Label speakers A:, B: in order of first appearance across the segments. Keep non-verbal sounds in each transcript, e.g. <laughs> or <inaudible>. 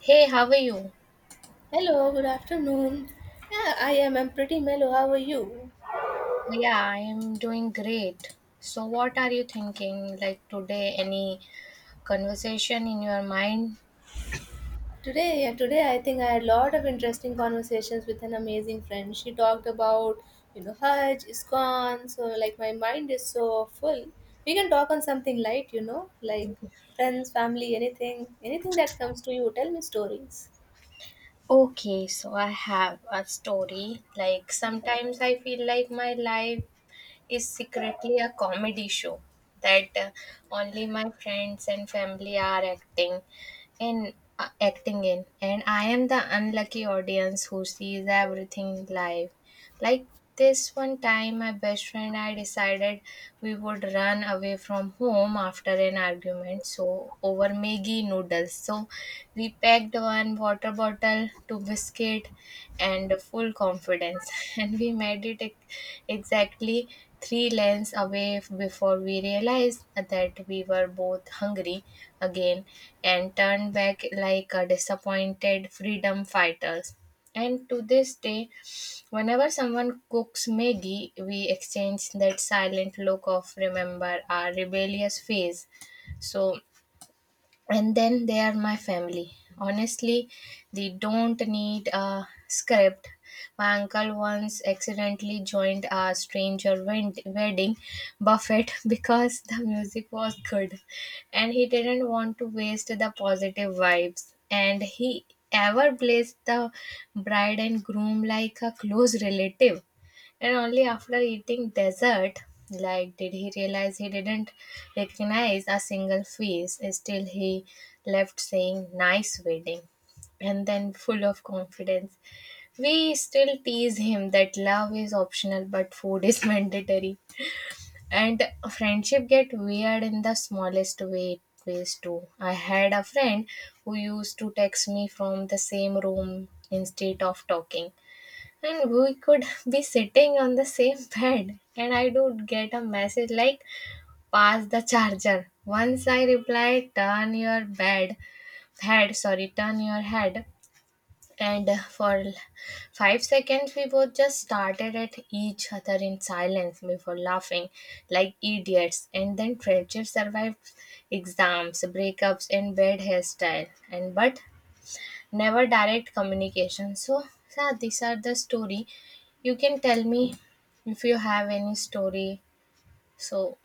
A: Hey, how are you?
B: Hello, good afternoon. Yeah, I am. I'm pretty mellow. How are you?
A: Yeah, I am doing great. So, what are you thinking like today? Any conversation in your mind?
B: Today, yeah, today I think I had a lot of interesting conversations with an amazing friend. She talked about, Hajj, ISKCON. So, like, my mind is so full. We can talk on something light, you know, like friends, family, anything that comes to you. Tell me stories.
A: Okay, so I have a story. Like, sometimes I feel like my life is secretly a comedy show that only my friends and family are acting in uh, acting in. And I am the unlucky audience who sees everything live. Like, this one time my best friend and I decided we would run away from home after an argument, so over Maggie noodles. So we packed one water bottle, two biscuit, and full confidence. <laughs> And we made it exactly three lanes away before we realized that we were both hungry again and turned back like a disappointed freedom fighters. And to this day, whenever someone cooks Maggie, we exchange that silent look of remember our rebellious phase. So, and then, they are my family. Honestly, they don't need a script. My uncle once accidentally joined a stranger wedding buffet <laughs> because the music was good and he didn't want to waste the positive vibes, and he ever blessed the bride and groom like a close relative. And only after eating dessert, like, did he realize he didn't recognize a single face. Still, he left saying, "Nice wedding." And then, full of confidence, we still tease him that love is optional but food is <laughs> mandatory. And friendship get weird in the smallest ways too. I had a friend who used to text me from the same room instead of talking, and we could <laughs> be sitting on the same <laughs> bed, and I would get a message like, pass the charger. Once I replied, turn your bed, head, sorry, turn your head. And for 5 seconds, we both just started at each other in silence before laughing like idiots. And then friendship survived exams, breakups, and bad hairstyle. And but never direct communication. So, yeah, these are the story. You can tell me if you have any story, so.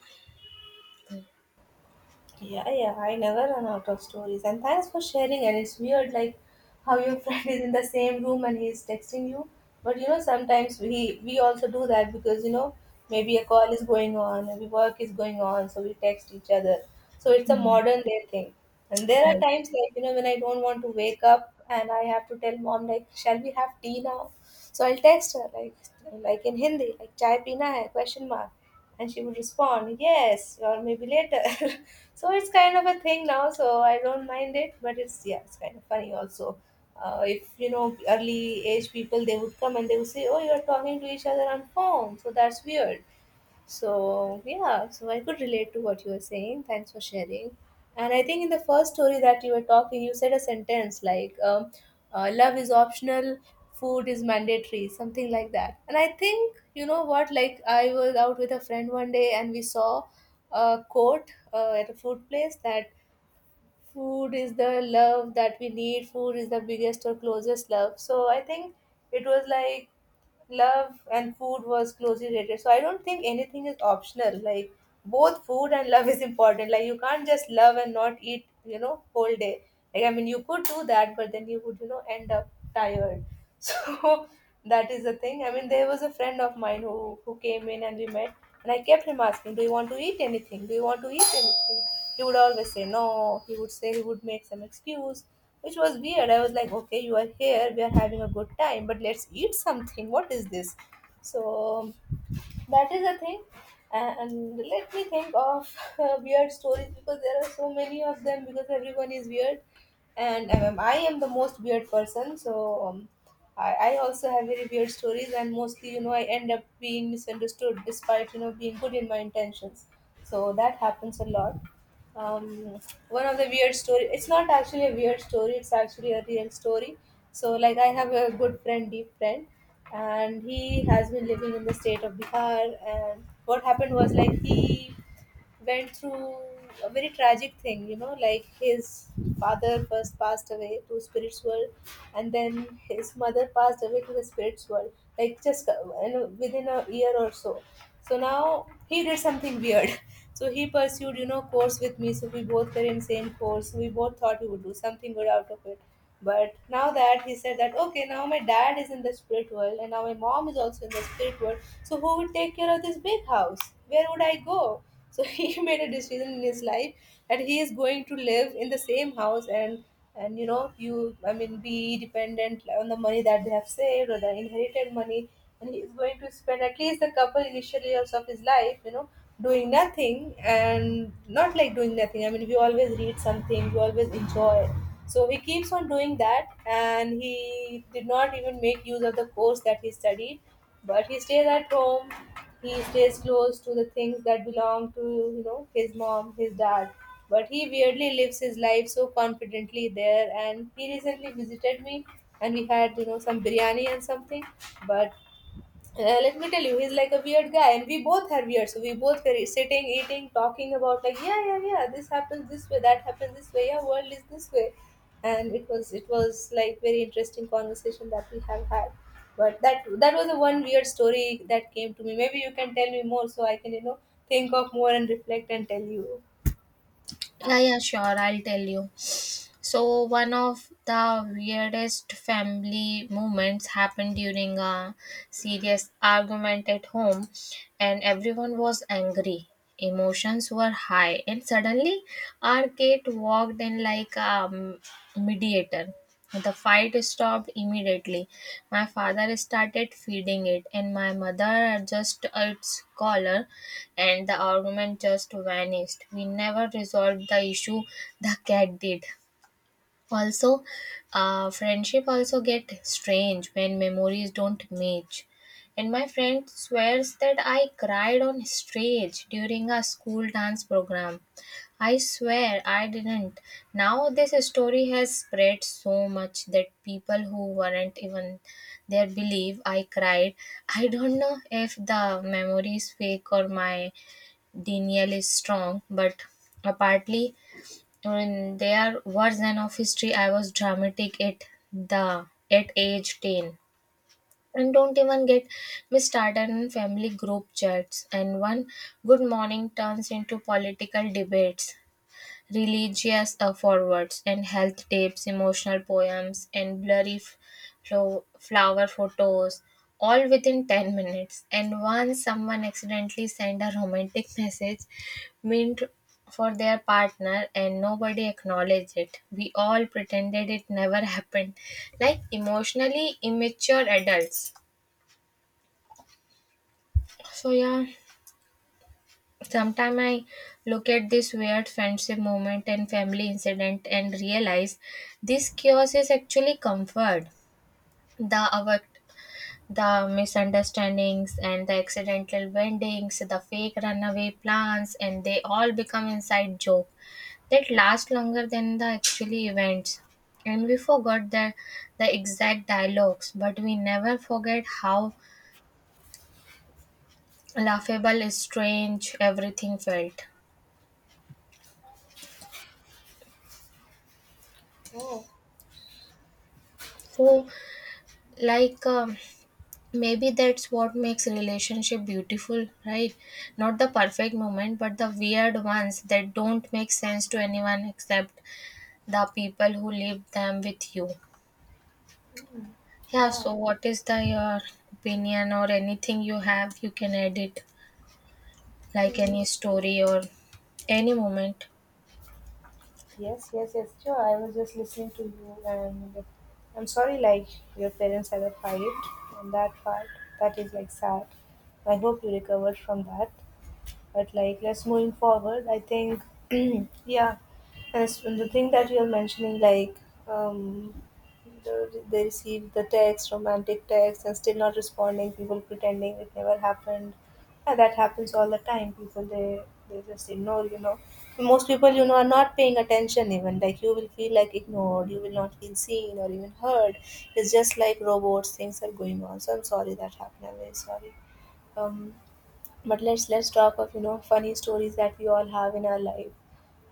B: Yeah, yeah, I never run out of stories. And thanks for sharing. And it's weird, like how your <laughs> friend is in the same room and he's texting you. But you know, sometimes we also do that because you know maybe a call is going on, maybe work is going on, so we text each other. So it's a
A: Mhm.
B: modern day thing. And there are
A: I
B: times like you know when I don't want to wake up and I have to tell mom like, shall we have tea now? So I'll text her like in Hindi, like chai pina hai question mark, and she would respond yes or maybe later. <laughs> So it's kind of a thing now. So I don't mind it, but it's yeah, it's kind of funny also. If you know early age people, they would come and they would say, "Oh, you are talking to each other on phone," so that's weird. So, yeah, so I could relate to what you were saying. Thanks for sharing. And I think in the first story that you were talking, you said a sentence like, love is optional, food is mandatory, something like that. And I think, you know what, like I was out with a friend one day and we saw a quote at a food place that food is the love that we need, food is the biggest or closest love, so I think it was like love and food was closely related, so I don't think anything is optional, like both food and love is important, like you can't just love and not eat you know whole day, like I mean you could do that but then you would you know end up tired. <laughs> So that is the thing. I mean there was a friend of mine who came in and we met, and I kept him asking, do you want to eat anything? Do you want to eat anything? He would always say no. He would say he would make some excuse, which was weird. I was like, okay, you are here, we are having a good time, but let's eat something. What is this? So that is the thing. And let me think of <laughs> weird stories because there are so many of them because everyone is weird. And I am the most weird person. I also have very weird stories, and mostly, you know, I end up being misunderstood despite, you know, being good in my intentions. So that happens a lot. Um, One of the weird story. It's not actually a weird story. It's actually a real story. So like I have a good friend, deep friend, and he has been living in the state of Bihar. And what happened was like he went through a very tragic thing, you know, like his father first passed away to spirits world, and then his mother passed away to the spirits world, like just you know, within a year or so. So now he did something weird. <laughs> So he pursued, you know, course with me. So we both were in same course. We both thought we would do something good out of it. But now that he said that, okay, now my dad is in the spirit world and now my mom is also in the spirit world. So who would take care of this big house? Where would I go? So <laughs> he made a decision in his life that he is going to live in the same house and you know you I mean be dependent on the money that they have saved or the inherited money, and he is going to spend at least the couple initial years of his life you know doing nothing, and not like doing nothing, I mean we always read something, we always enjoy, so he keeps on doing that, and he did not even make use of the course that he studied, but he stays at home. He stays close to the things that belong to you know his mom, his dad. But he weirdly lives his life so confidently there. And he recently visited me, and we had you know some biryani and something. But let me tell you, he's like a weird guy, and we both are weird. So we both were sitting, eating, talking about like, yeah, yeah, yeah, this happens this way, that happens this way, yeah, world is this way, and it was like very interesting conversation that we have had. But that was the one weird story that came to me. Maybe you can tell me more so I can you know think of more and reflect and tell you.
A: Yeah, yeah, sure. I'll tell you. So, one of the weirdest family moments happened during a serious argument at home, and everyone was angry. Emotions were high, and suddenly, our Kate walked in like a mediator. The fight stopped immediately. My father started feeding it, and my mother adjusted its collar, and the argument just vanished. We never resolved the issue, the cat did. Also, friendship also get strange when memories don't match. And my friend swears that I cried on stage during a school dance program. I swear I didn't. Now this story has spread so much that people who weren't even there believe I cried. I don't know if the memory is fake or my Daniel is strong, but apparently when their version of history I was dramatic at the at age 10. And don't even get me started on family group chats. And one good morning turns into political debates, religious forwards, and health tips, emotional poems, and blurry flower photos, all within 10 minutes. And once someone accidentally sent a romantic message meant for their partner, and nobody acknowledged it. We all pretended it never happened, like emotionally immature adults. So, yeah. Sometimes I look at this weird friendship moment and family incident and realize this chaos is actually comfort. The avo- the misunderstandings and the accidental weddings, the fake runaway plans, and they all become inside joke that last longer than the actually events. And we forgot the exact dialogues, but we never forget how laughable, strange everything felt.
B: Oh,
A: So, like. Maybe that's what makes relationship beautiful, right? Not the perfect moment, but the weird ones that don't make sense to anyone except the people who live them with you. Yeah,
B: yeah.
A: so what is the your opinion or anything you have? You can edit like any story or any moment.
B: Yes, yes, yes, sure. I was just listening to you, and I'm sorry, like your parents had a fight, and that part, that is like sad. I hope you recovered from that. But like, let's moving forward. I think, <clears throat> yeah, and the thing that you're mentioning, like, um, they receive the text, romantic text, and still not responding. People pretending it never happened. Yeah, that happens all the time. People they just ignore. You know, most people you know are not paying attention. Even like you will feel like ignored. You will not feel seen or even heard. It's just like robots. Things are going on. So I'm sorry that happened. I'm very sorry, um but let's talk of you know funny stories that we all have in our life.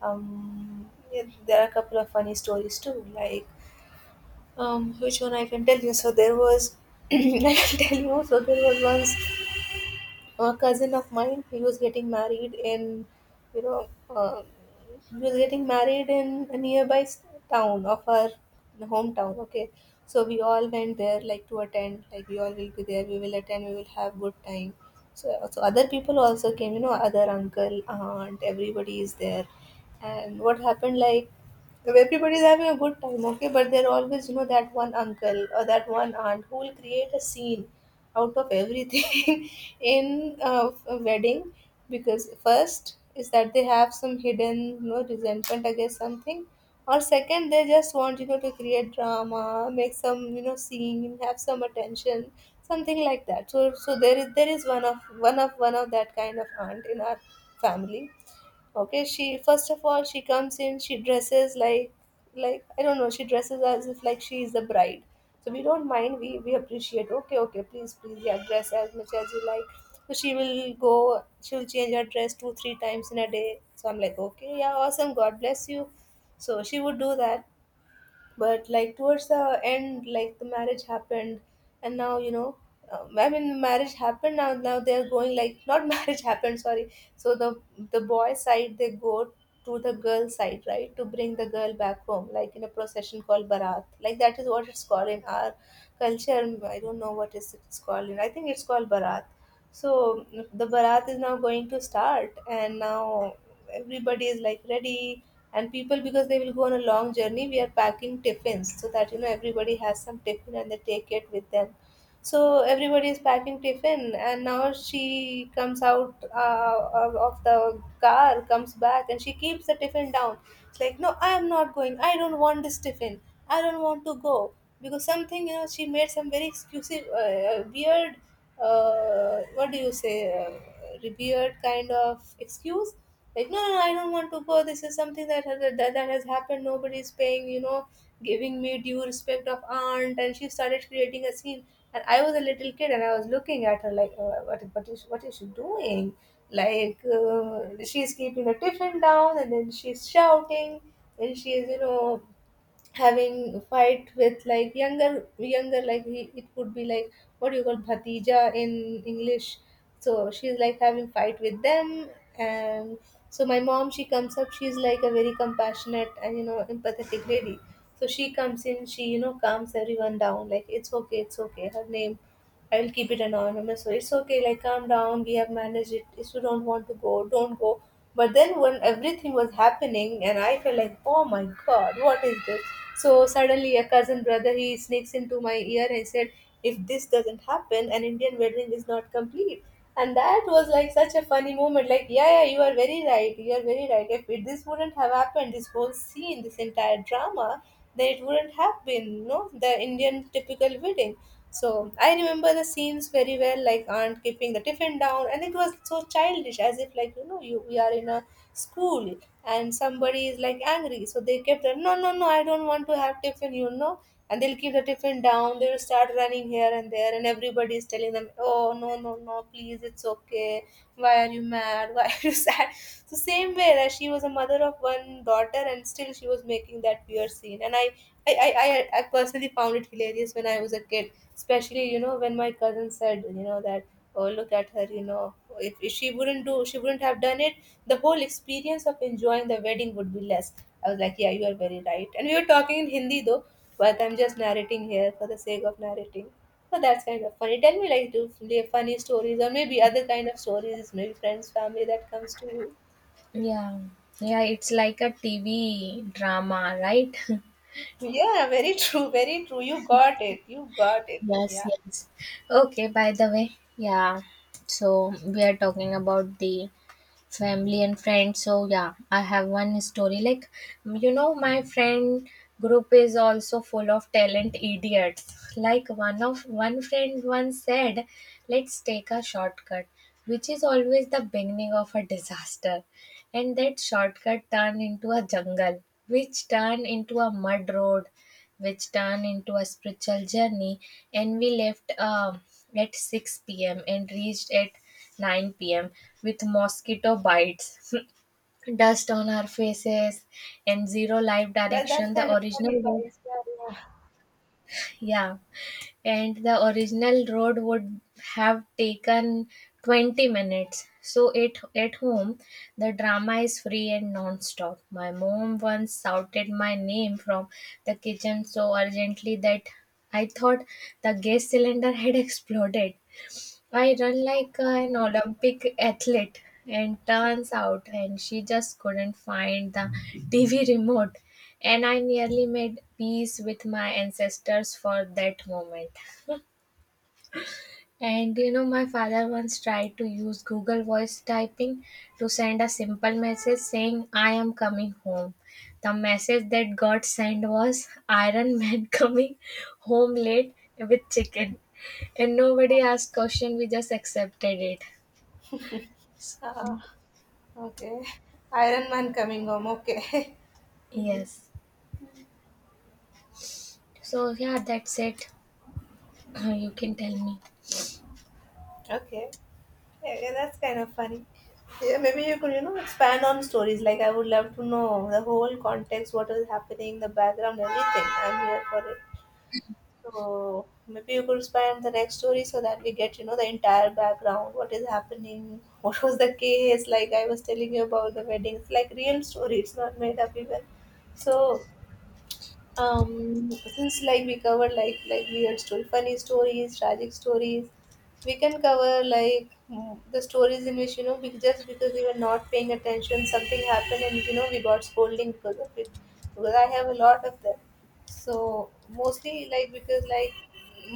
B: Yeah, there are a couple of funny stories too. Like which one I can tell you? So there was <clears throat> I can tell you. So there was once a cousin of mine, he was getting married in you know he was getting married in a town of our hometown, okay. So we all went there like to attend, like we all will be there, we will attend, we will have good time. So other people also came you know other uncle aunt everybody is there. And what happened like, everybody's having a good time, okay, but there always you know that one uncle or that one aunt who will create a scene out of everything <laughs> in a wedding, because first is that they have some hidden you know resentment against something, or second they just want you know to create drama, make some you know scene, have some attention, something like that. So there is, there is one of that kind of aunt in our family, okay. She first of all, she comes in, she dresses like I don't know, she dresses as if like she is the bride. So we don't mind, we appreciate, okay okay please please, yeah dress as much as you like. So she will go, she'll change her dress two three times in a day, so I'm like, okay, yeah, awesome, god bless you. So she would do that. But like towards the end, like the marriage happened, and now you know, I mean marriage happened, now now they're going like, not <laughs> marriage happened, sorry. So the boy side, they go to the girl side, right, to bring the girl back home like in a procession called barat, like that is what it's called in our culture. I don't know what is it's called in, I think it's called barat. So the barat is now going to start, and now everybody is like ready. And people, because they will go on a long journey, we are packing tiffins so that you know everybody has some tiffin and they take it with them. So everybody is packing tiffin, and now she comes out of the car, comes back, and she keeps the tiffin down. It's like, no, I am not going, I don't want this tiffin. I don't want to go, because something you know she made some very exclusive, weird. What do you say? Weird kind of excuse. Like, no, no, no, I don't want to go. This is something that has that has happened. Nobody is paying, you know, giving me due respect of aunt, and she started creating a scene. And I was a little kid, and I was looking at her like, what, what is she doing? Like she's keeping the tiffin down, and then she's shouting, and she's, you know, having fight with like younger like it could be like what do you call bhatija in English. So she's like having fight with them, and so my mom, she comes up. She's like a very compassionate and, you know, empathetic lady. So she comes in, she, you know, calms everyone down, like, it's okay, it's okay. Her name I will keep it anonymous. So it's okay, like calm down, we have managed it. If you don't want to go, don't go. But then when everything was happening and I felt like, oh my god, what is this? So suddenly a cousin brother he sneaks into my ear and said, if this doesn't happen, an Indian wedding is not complete. And that was like such a funny moment. Like, yeah, yeah, you are very right. You are very right. If it, this wouldn't have happened, this whole scene, this entire drama, then it wouldn't have been, no, the Indian typical wedding. So I remember the scenes very well, like aunt keeping the tiffin down, and it was so childish, as if, like, you know, you we are in a school and somebody is like angry, so they kept the no no no I don't want to have tiffin, you know, and they'll keep the tiffin down. They will start running here and there, and everybody is telling them oh no no no please it's okay. Why are you mad? <laughs> Why are you <laughs> sad? So same way that she was a mother of one daughter, and still she was making that weird scene, and I personally found it hilarious when I was a kid, especially, you know, when my cousin said, you know, that, oh, look at her, you know, if she wouldn't do, she wouldn't have done it, the whole experience of enjoying the wedding would be less. I was like, yeah, you are very right. And we were talking in Hindi though, but I'm just narrating here for the sake of narrating. So that's kind of funny. Tell me, like, do you have funny stories or maybe other kind of stories, maybe friends, family that comes to you.
A: Yeah, yeah, it's like a TV drama, right? <laughs>
B: Yeah, very true, very true. You got it. You got it.
A: Yes,
B: Yeah.
A: yes. Okay, by the way, yeah. So we are talking about the family and friends. So yeah, I have one story. Like, you know, my friend group is also full of talent idiots. Like, one friend once said, let's take a shortcut, which is always the beginning of a disaster. And that shortcut turned into a jungle, which turned into a mud road, which turned into a spiritual journey. And we left at 6 p.m. and reached at 9 p.m. with mosquito bites, <laughs> dust on our faces, and zero life
B: That, that's
A: direction.
B: kind
A: The
B: of funny,
A: original road.
B: guys. Yeah, yeah.
A: Yeah. And the original road would have taken 20 minutes. So it at home, the drama is free and non-stop. My mom once shouted my name from the kitchen so urgently that I thought the gas cylinder had <laughs> exploded. I run like an Olympic athlete, and turns out, and she just couldn't find the TV remote. And I nearly made peace with my ancestors for that moment. And, you know, my father once tried to use Google Voice typing to send a simple message saying, I am coming home. The message that got sent was, Iron Man <laughs> coming home late with chicken. And nobody asked question, we just accepted it.
B: Uh, okay. Iron Man coming home. Okay. <laughs> Mhm.
A: Yes. So yeah, that's it. <clears throat> You can tell me.
B: Okay. Yeah, yeah, that's kind of funny. Yeah, maybe you could, you know, expand on stories. Like, I would love to know the whole context, what is happening, the background, everything. I'm here for it. So, maybe you could expand the next story so that we get, you know, the entire background. What is happening? <laughs> What was the case? Like, I was telling you about the wedding. It's like real story. It's not made up even. So, since like we cover like weird story, funny stories, tragic stories, we can cover like, the stories in which, you know, just because we were not paying attention something happened and, you know, we got scolding because of it, because I have a lot of them. So mostly like, because like,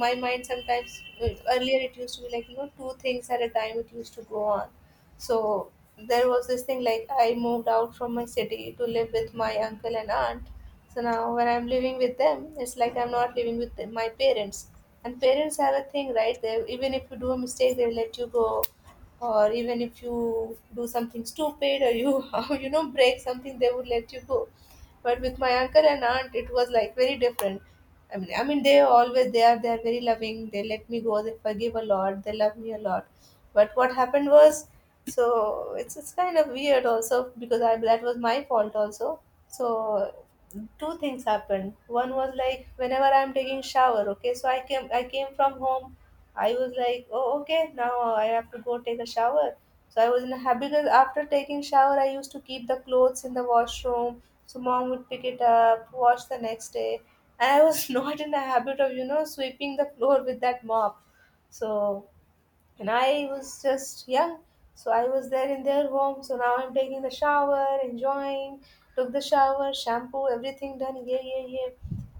B: my mind sometimes, earlier it used to be like, you know, two things at a time it used to go on. So there was this thing like I moved out from my city to live with my uncle and aunt. So now when I'm living with them, it's like I'm not living with my parents. And parents have a thing, right? They, even if you do a mistake, they'll let you go, or even if you do something stupid or you <laughs> you know break something, they would let you go. But with my uncle and aunt, it was like very different. I mean, they always they are very loving. They let me go. They forgive a lot. They love me a lot. But what happened was, so it's kind of weird also because I that was my fault also. So two things happened. One was like whenever I'm taking shower, okay, so I came from home, I was like oh okay now I have to go take a shower. So I was in a habit because after taking shower I used to keep the clothes in the washroom so mom would pick it up, wash the next day. And I was <laughs> not in a habit of, you know, sweeping the floor with that mop. So, and I was just young. So I was there in their home. So now I'm taking the shower, enjoying, took the shower, shampoo, everything done. Yeah, yeah, yeah.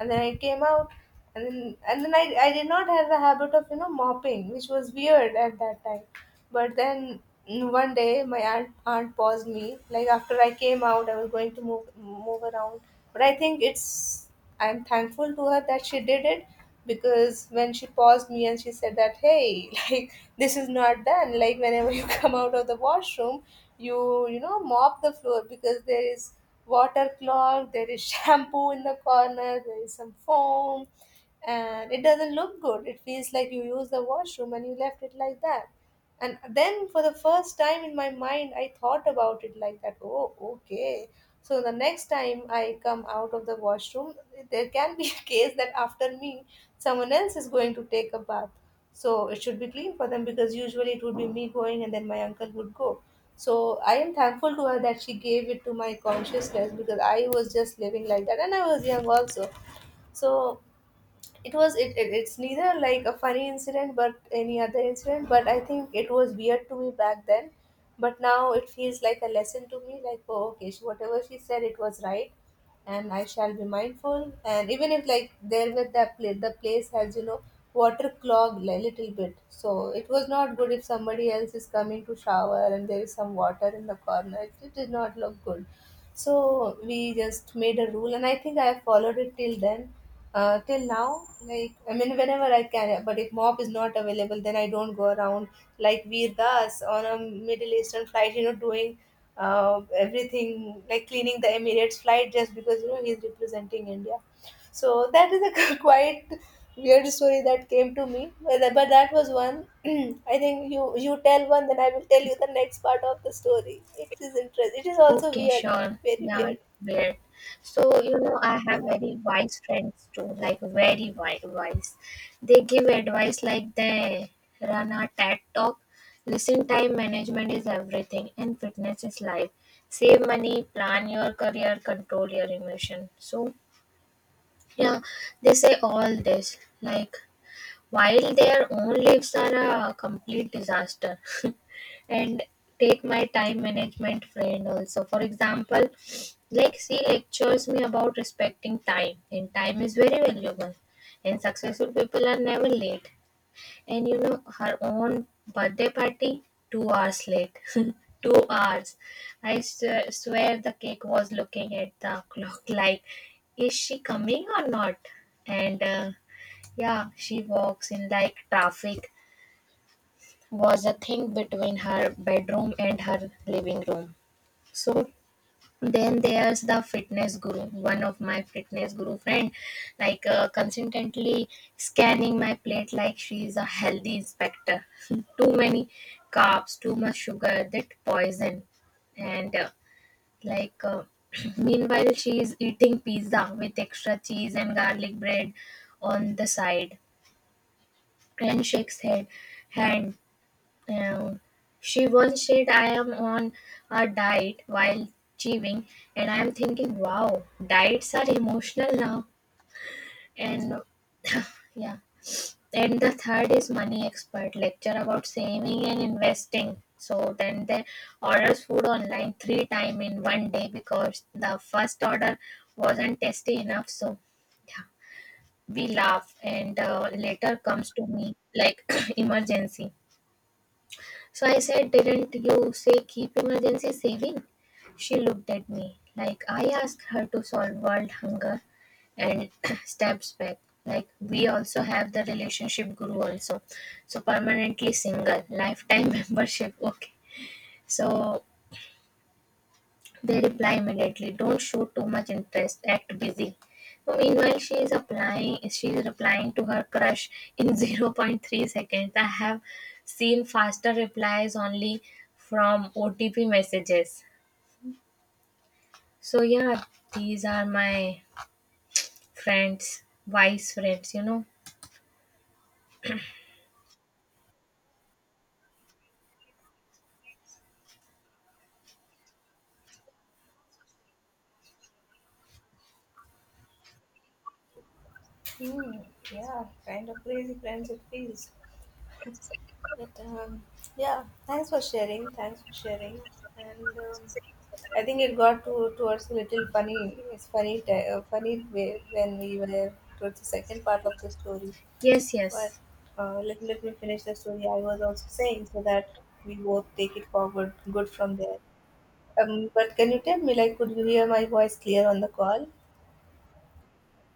B: And then I came out. And then I did not have the habit of, you know, mopping, which was weird at that time. But then one day my aunt paused me. Like after I came out, I was going to move around. But I think it's, I'm thankful to her that she did it because when she paused me and she said that, hey, <laughs> like this is not done. Like whenever you come out of the washroom, you know, mop the floor because there is water clog, there is <laughs> shampoo in the corner, there is some foam, and it doesn't look good. It feels like you used the washroom and you left it like that. And then for the first time in my mind, I thought about it like that. Oh, okay. So the next time I come out of the washroom, there can be <laughs> a case that after me, someone else is going to take a bath. So it should be clean for them because usually it would be me going and then my uncle would go. So I am thankful to her that she gave it to my consciousness because I was just living like that and I was young also. So it was it, it it's neither like a funny incident but any other incident, but I think it was weird to me back then, but now it feels like a lesson to me, like oh okay, she, whatever she said it was right, and I shall be mindful, and even if like there with that place the place has, you know, water clogged a little bit, so it was not good if somebody else is coming to shower and there is some water in the corner, it did not look good. So we just made a rule and I think I have followed it till then, till now, like I mean whenever I can, but if mop is not available then I don't go around like Veer Das on a Middle Eastern flight, you know, doing everything like cleaning the Emirates flight just because, you know, he's representing India. So that is a <laughs> quite weird story that came to me. But that was one. <clears throat> I think you tell one, then I will tell you the next part of the story. It is interesting. It is also
A: Okay,
B: weird,
A: sure.
B: very
A: Yeah,
B: weird.
A: weird. So, you know, I have
B: Yeah.
A: very wise friends too, like very wise, wise. They give advice like they run a TED talk. Listen, time management is everything, and fitness is life. Save money, plan your career, control your emotion. So, yeah, they say all this. Like, while their own lives are a complete disaster. <laughs> And take my time management friend also, for example. Like, she lectures me about respecting time, and time is very valuable, and successful people are never late. And, you know, her own birthday party, 2 hours late. <laughs> 2 hours. I swear the cake was looking at the clock like, is she coming or not? And yeah, she walks in like traffic was a thing between her bedroom and her living room. So then there's the fitness guru. One of my fitness guru friend, like consistently scanning my plate like she is a healthy inspector. <laughs> Too many carbs, too much sugar, that poison. And like uh, <clears throat> meanwhile, she is eating pizza with extra cheese and garlic bread on the side, and shakes head hand. uh, She once said, I'm on a diet while chewing, and I'm thinking, wow, diets are emotional now. And yeah. And the third is money expert lecture about saving and investing. So then they orders food online three time in one day because the first order wasn't tasty enough. So yeah, we laugh, and later comes to me like <coughs> <clears throat> emergency. So I said, didn't you say keep emergency saving? She looked at me like I asked her to solve world hunger, and <clears throat> steps back. Like we also have the relationship guru also. So permanently single, lifetime <laughs> membership. Okay. So they reply immediately, don't show too much interest, act busy. So meanwhile, she is replying to her crush in <laughs> zero point 0.3 seconds. I have seen faster replies only from OTP messages. So yeah, these are my friends, wise friends, you know.
B: Hmm. Yeah, kind of crazy friends it feels. But yeah. Thanks for sharing. Thanks for sharing. And I think it got to towards a little funny. It's funny, funny way when we were towards the second part of the story.
A: Yes,
B: But
A: yes.
B: let me finish the story I was also saying so that we both take it forward good from there. But can you tell me, like, could you hear my voice clear on the call?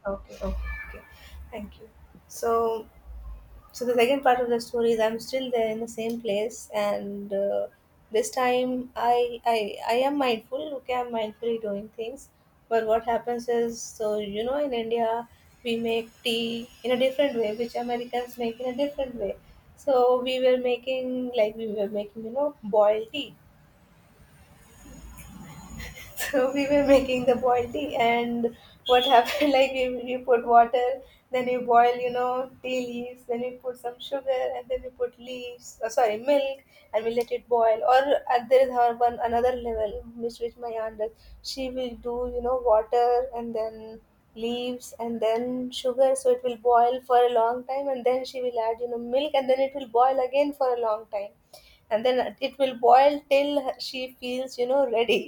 B: Okay, okay, okay. Thank you. So, so the second part of the story is I'm still there in the same place, and this time I am mindful. Okay, I'm mindfully doing things. But what happens is, so you know, in India we make tea in a different way, which Americans make in a different way. So we were making like we were making, you know, boiled tea. <laughs> So we were making the boiled tea, and what happened? <laughs> Like you put water, then you boil, you know, tea leaves, then you put some sugar, and then you put leaves. Sorry, milk, and we let it boil. Or there is her one another level, which my aunt does. She will do, you know, water and then leaves and then sugar, so it will boil for a long time, and then she will add, you know, milk, and then it will boil again for a long time and then it will boil till she feels, you know, ready.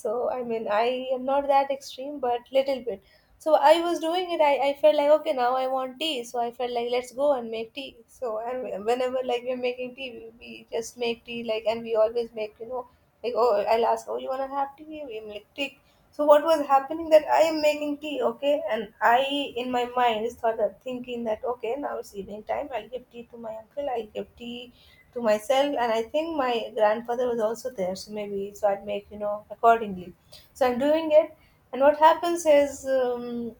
B: So I mean I am not that extreme but little bit. So I was doing it. I felt like okay now I want tea. So I felt like let's go and make tea. So and whenever like we're making tea, we just make tea like and we always make like oh I'll ask, oh you wanna have tea? We make tea. So what was happening that I am making tea, okay, and I in my mind is thought of thinking that okay, now it's evening time, I'll give tea to my uncle, I'll give tea to myself, and I think my grandfather was also there, so maybe so I'd make, you know, accordingly. So I'm doing it, and what happens is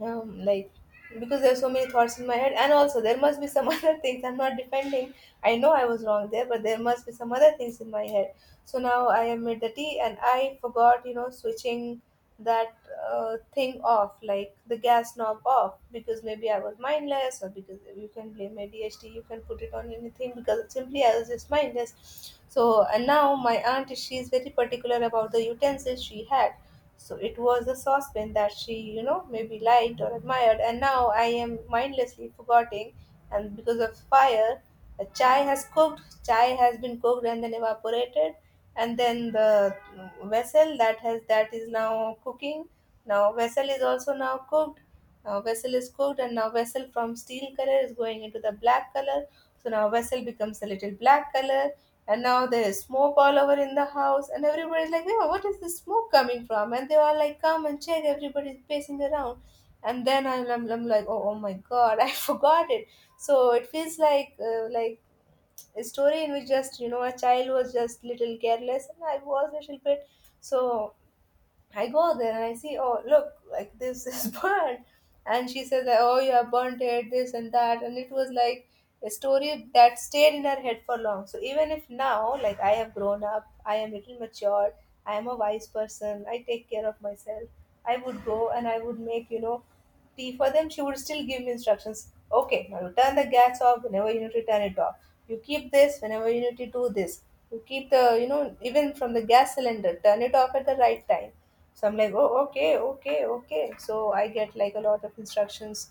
B: like because there's so many thoughts in my head, and also there must be some <laughs> other things. I'm not defending. I know I was wrong there, but there must be some other things in my head. So now I am made the tea, and I forgot, you know, switching that thing off, like the gas knob off, because maybe I was mindless, or because you can blame my ADHD, you can put it on anything, because simply I was just mindless. So and now my aunt, she is very particular about the utensils she had. So it was a saucepan that she, you know, maybe liked or admired, and now I am mindlessly forgetting. And because of fire, a chai has cooked, chai has been cooked and then evaporated, and then the vessel that has that is now cooking. Now vessel is also now cooked. Now vessel is cooked, and now vessel from steel color is going into the black color. So now vessel becomes a little black color, and now there's smoke all over in the house, and everybody's like, yeah, what is this smoke coming from? And they all like, come and check, everybody's pacing around. And then I'm like, oh, oh my god, <laughs> I forgot it. So it feels like a story in which just, you know, a child was just little careless, and I was a little bit. So I go there and I see, oh, look, like this is <laughs> burnt. And she says, like, oh, you have burnt it, this and that. And it was like a story that stayed in her head for long. So even if now, like, I have grown up, I am little matured, I am a wise person, I take care of myself, I would go and I would make, you know, tea for them. She would still give me instructions. Okay, now you turn the gas off whenever you need to turn it off. You keep this whenever you need to do this. You keep the, you know, even from the gas cylinder, turn it off at the right time. So I'm like, oh, okay, okay, okay. So I get like a lot of instructions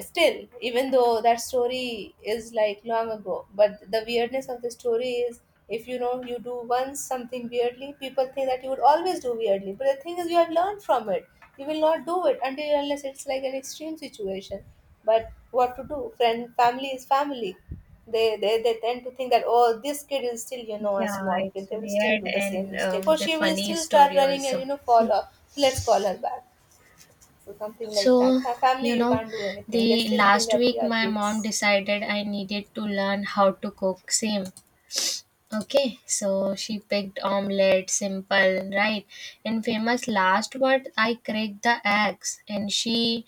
B: still, even though that story is like long ago. But the weirdness of the story is, if you know you do once something weirdly, people think that you would always do weirdly. But the thing is, you have learned from it. You will not do it until unless it's like an extreme situation. But what to do? Friend, family is family. They tend to think that oh, this kid is still, you know, a
A: Yeah,
B: small
A: it's
B: kid, they will still
A: weird,
B: do the same
A: and
B: mistake, or
A: the
B: she will
A: funny
B: still start
A: story
B: running and,
A: also.
B: you know, fall off, so let's call her back. So something like
A: So,
B: that. Fa
A: you
B: Family, you
A: know,
B: can't do anything, they
A: the
B: still think
A: last
B: that we
A: week
B: are
A: my mom
B: kids.
A: decided I needed to learn how to cook same. Okay, so she picked omelette, simple, right? And famous last word, I cracked the eggs, and she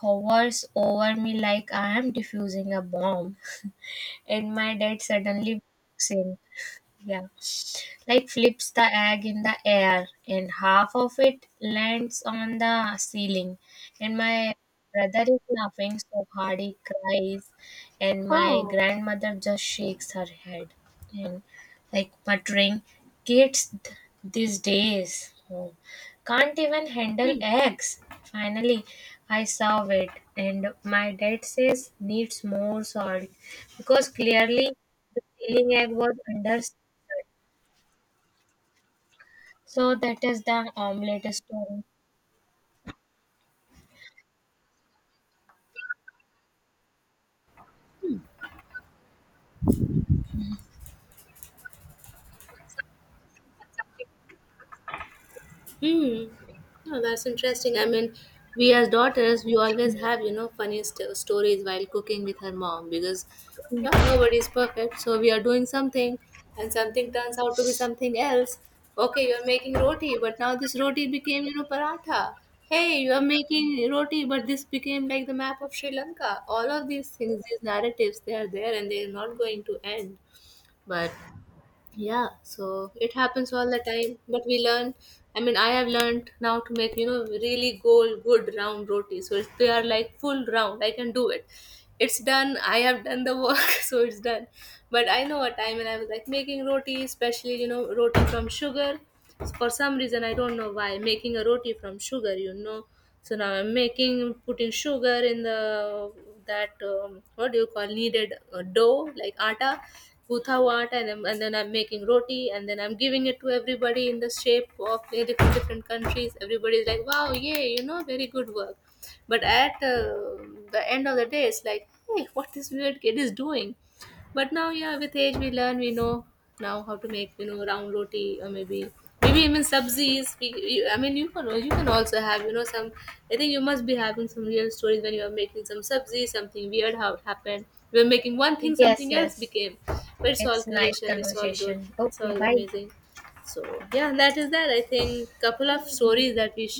A: hovers over me like I am diffusing a bomb. <laughs> And my dad suddenly walks in. Yeah, like flips the egg in the air, and half of it lands on the ceiling. And my brother is laughing so hard he cries. And my grandmother just shakes her head and, like, muttering, kids these days. Oh, can't even handle eggs. Finally, I saw it, and my dad says, needs more salt. Because clearly, the ceiling egg was under. So that is the omelette story.
B: Hmm. No, that's interesting. I mean, we as daughters, we always have, you know, funny stories while cooking with her mom, because yeah, nobody is perfect. So we are doing something and something turns out to be something else. Okay, you're making roti, but now this roti became, you know, paratha. Hey, you are making roti, but this became like the map of Sri Lanka. All of these things, these narratives, they are there and they are not going to end. But yeah, so it happens all the time, but we learn. I mean, I have learned now to make, you know, really goal good round rotis, so if they are like full round, I can do it. It's done, I have done the work. <laughs> So it's done. But I know a time when I was like making roti, especially, you know, roti from sugar, for some reason I don't know why, making a roti from sugar, you know. So now I'm making, putting sugar in the that, what do you call, kneaded dough like atta, gutha hua atta, and then I'm making roti, and then I'm giving it to everybody in the shape of the different different countries, everybody's like wow, yay, you know, very good work. But at the end of the day, it's like, hey, what this weird kid is doing. But now yeah, with age we learn, we know now how to make, you know, round roti, or maybe maybe even subsies. I mean, you can, you can also have, you know, some. I think you must be having some real stories when you are making some subsies, something weird how happened, we were making one thing,
A: Yes,
B: something else
A: yes.
B: became. But it's all
A: It's nice
B: creation, it's all good,
A: conversation.
B: it's
A: Okay,
B: all
A: bye.
B: amazing. So yeah, that is that. I think couple of stories that we